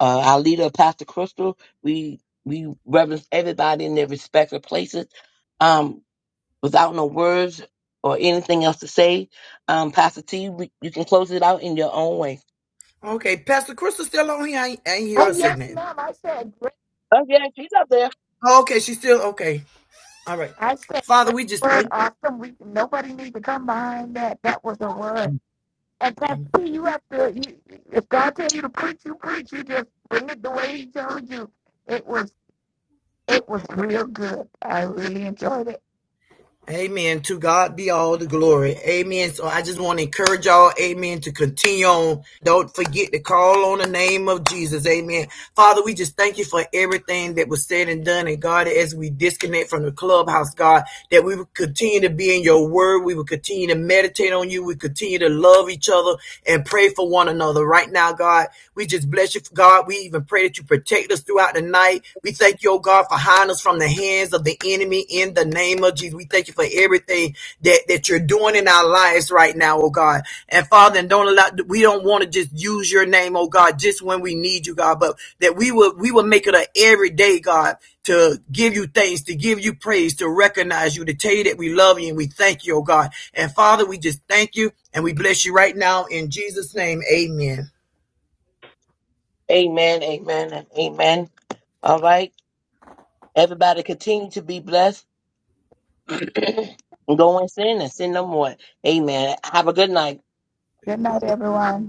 Speaker 1: uh, our leader, Pastor Crystal. We we reverence everybody in their respective places. Um, without no words or anything else to say, um, Pastor T, we, you can close it out in your own way.
Speaker 4: Okay, Pastor Crystal still on here. I ain't, I ain't hear her
Speaker 2: Oh
Speaker 4: say
Speaker 2: yes,
Speaker 4: nothing.
Speaker 2: ma'am. I said great.
Speaker 1: Oh yeah, she's up there.
Speaker 4: Oh, Okay, she's still okay. All right,
Speaker 2: I said
Speaker 4: Father,
Speaker 2: great
Speaker 4: we just
Speaker 2: word.
Speaker 4: thank.
Speaker 2: Awesome. We nobody needs to come behind that. That was a word. And that's
Speaker 4: you.
Speaker 2: you have to. You, if God tells you to preach, you preach. You just bring it the way He told you. It was it was real good. I really enjoyed it.
Speaker 4: Amen. To God be all the glory. Amen. So I just want to encourage y'all. Amen. To continue on. Don't forget to call on the name of Jesus. Amen. Father, we just thank you for everything that was said and done. And God, as we disconnect from the clubhouse, God, that we would continue to be in your word. We would continue to meditate on you. We continue to love each other and pray for one another. Right now, God, we just bless you, God. We even pray that you protect us throughout the night. We thank you, oh God, for hiding us from the hands of the enemy in the name of Jesus. We thank you for you for everything that, that you're doing in our lives right now, oh God. And Father, and don't allow we don't want to just use your name, oh God, just when we need you, God, but that we will we will make it a everyday, God, to give you thanks, to give you praise, to recognize you, to tell you that we love you and we thank you, oh God. And Father, we just thank you and we bless you right now in Jesus' name. Amen.
Speaker 1: Amen, amen, and amen. All right, everybody, continue to be blessed. Go and sin and sin no more. Amen. Have a good night.
Speaker 2: Good night, everyone.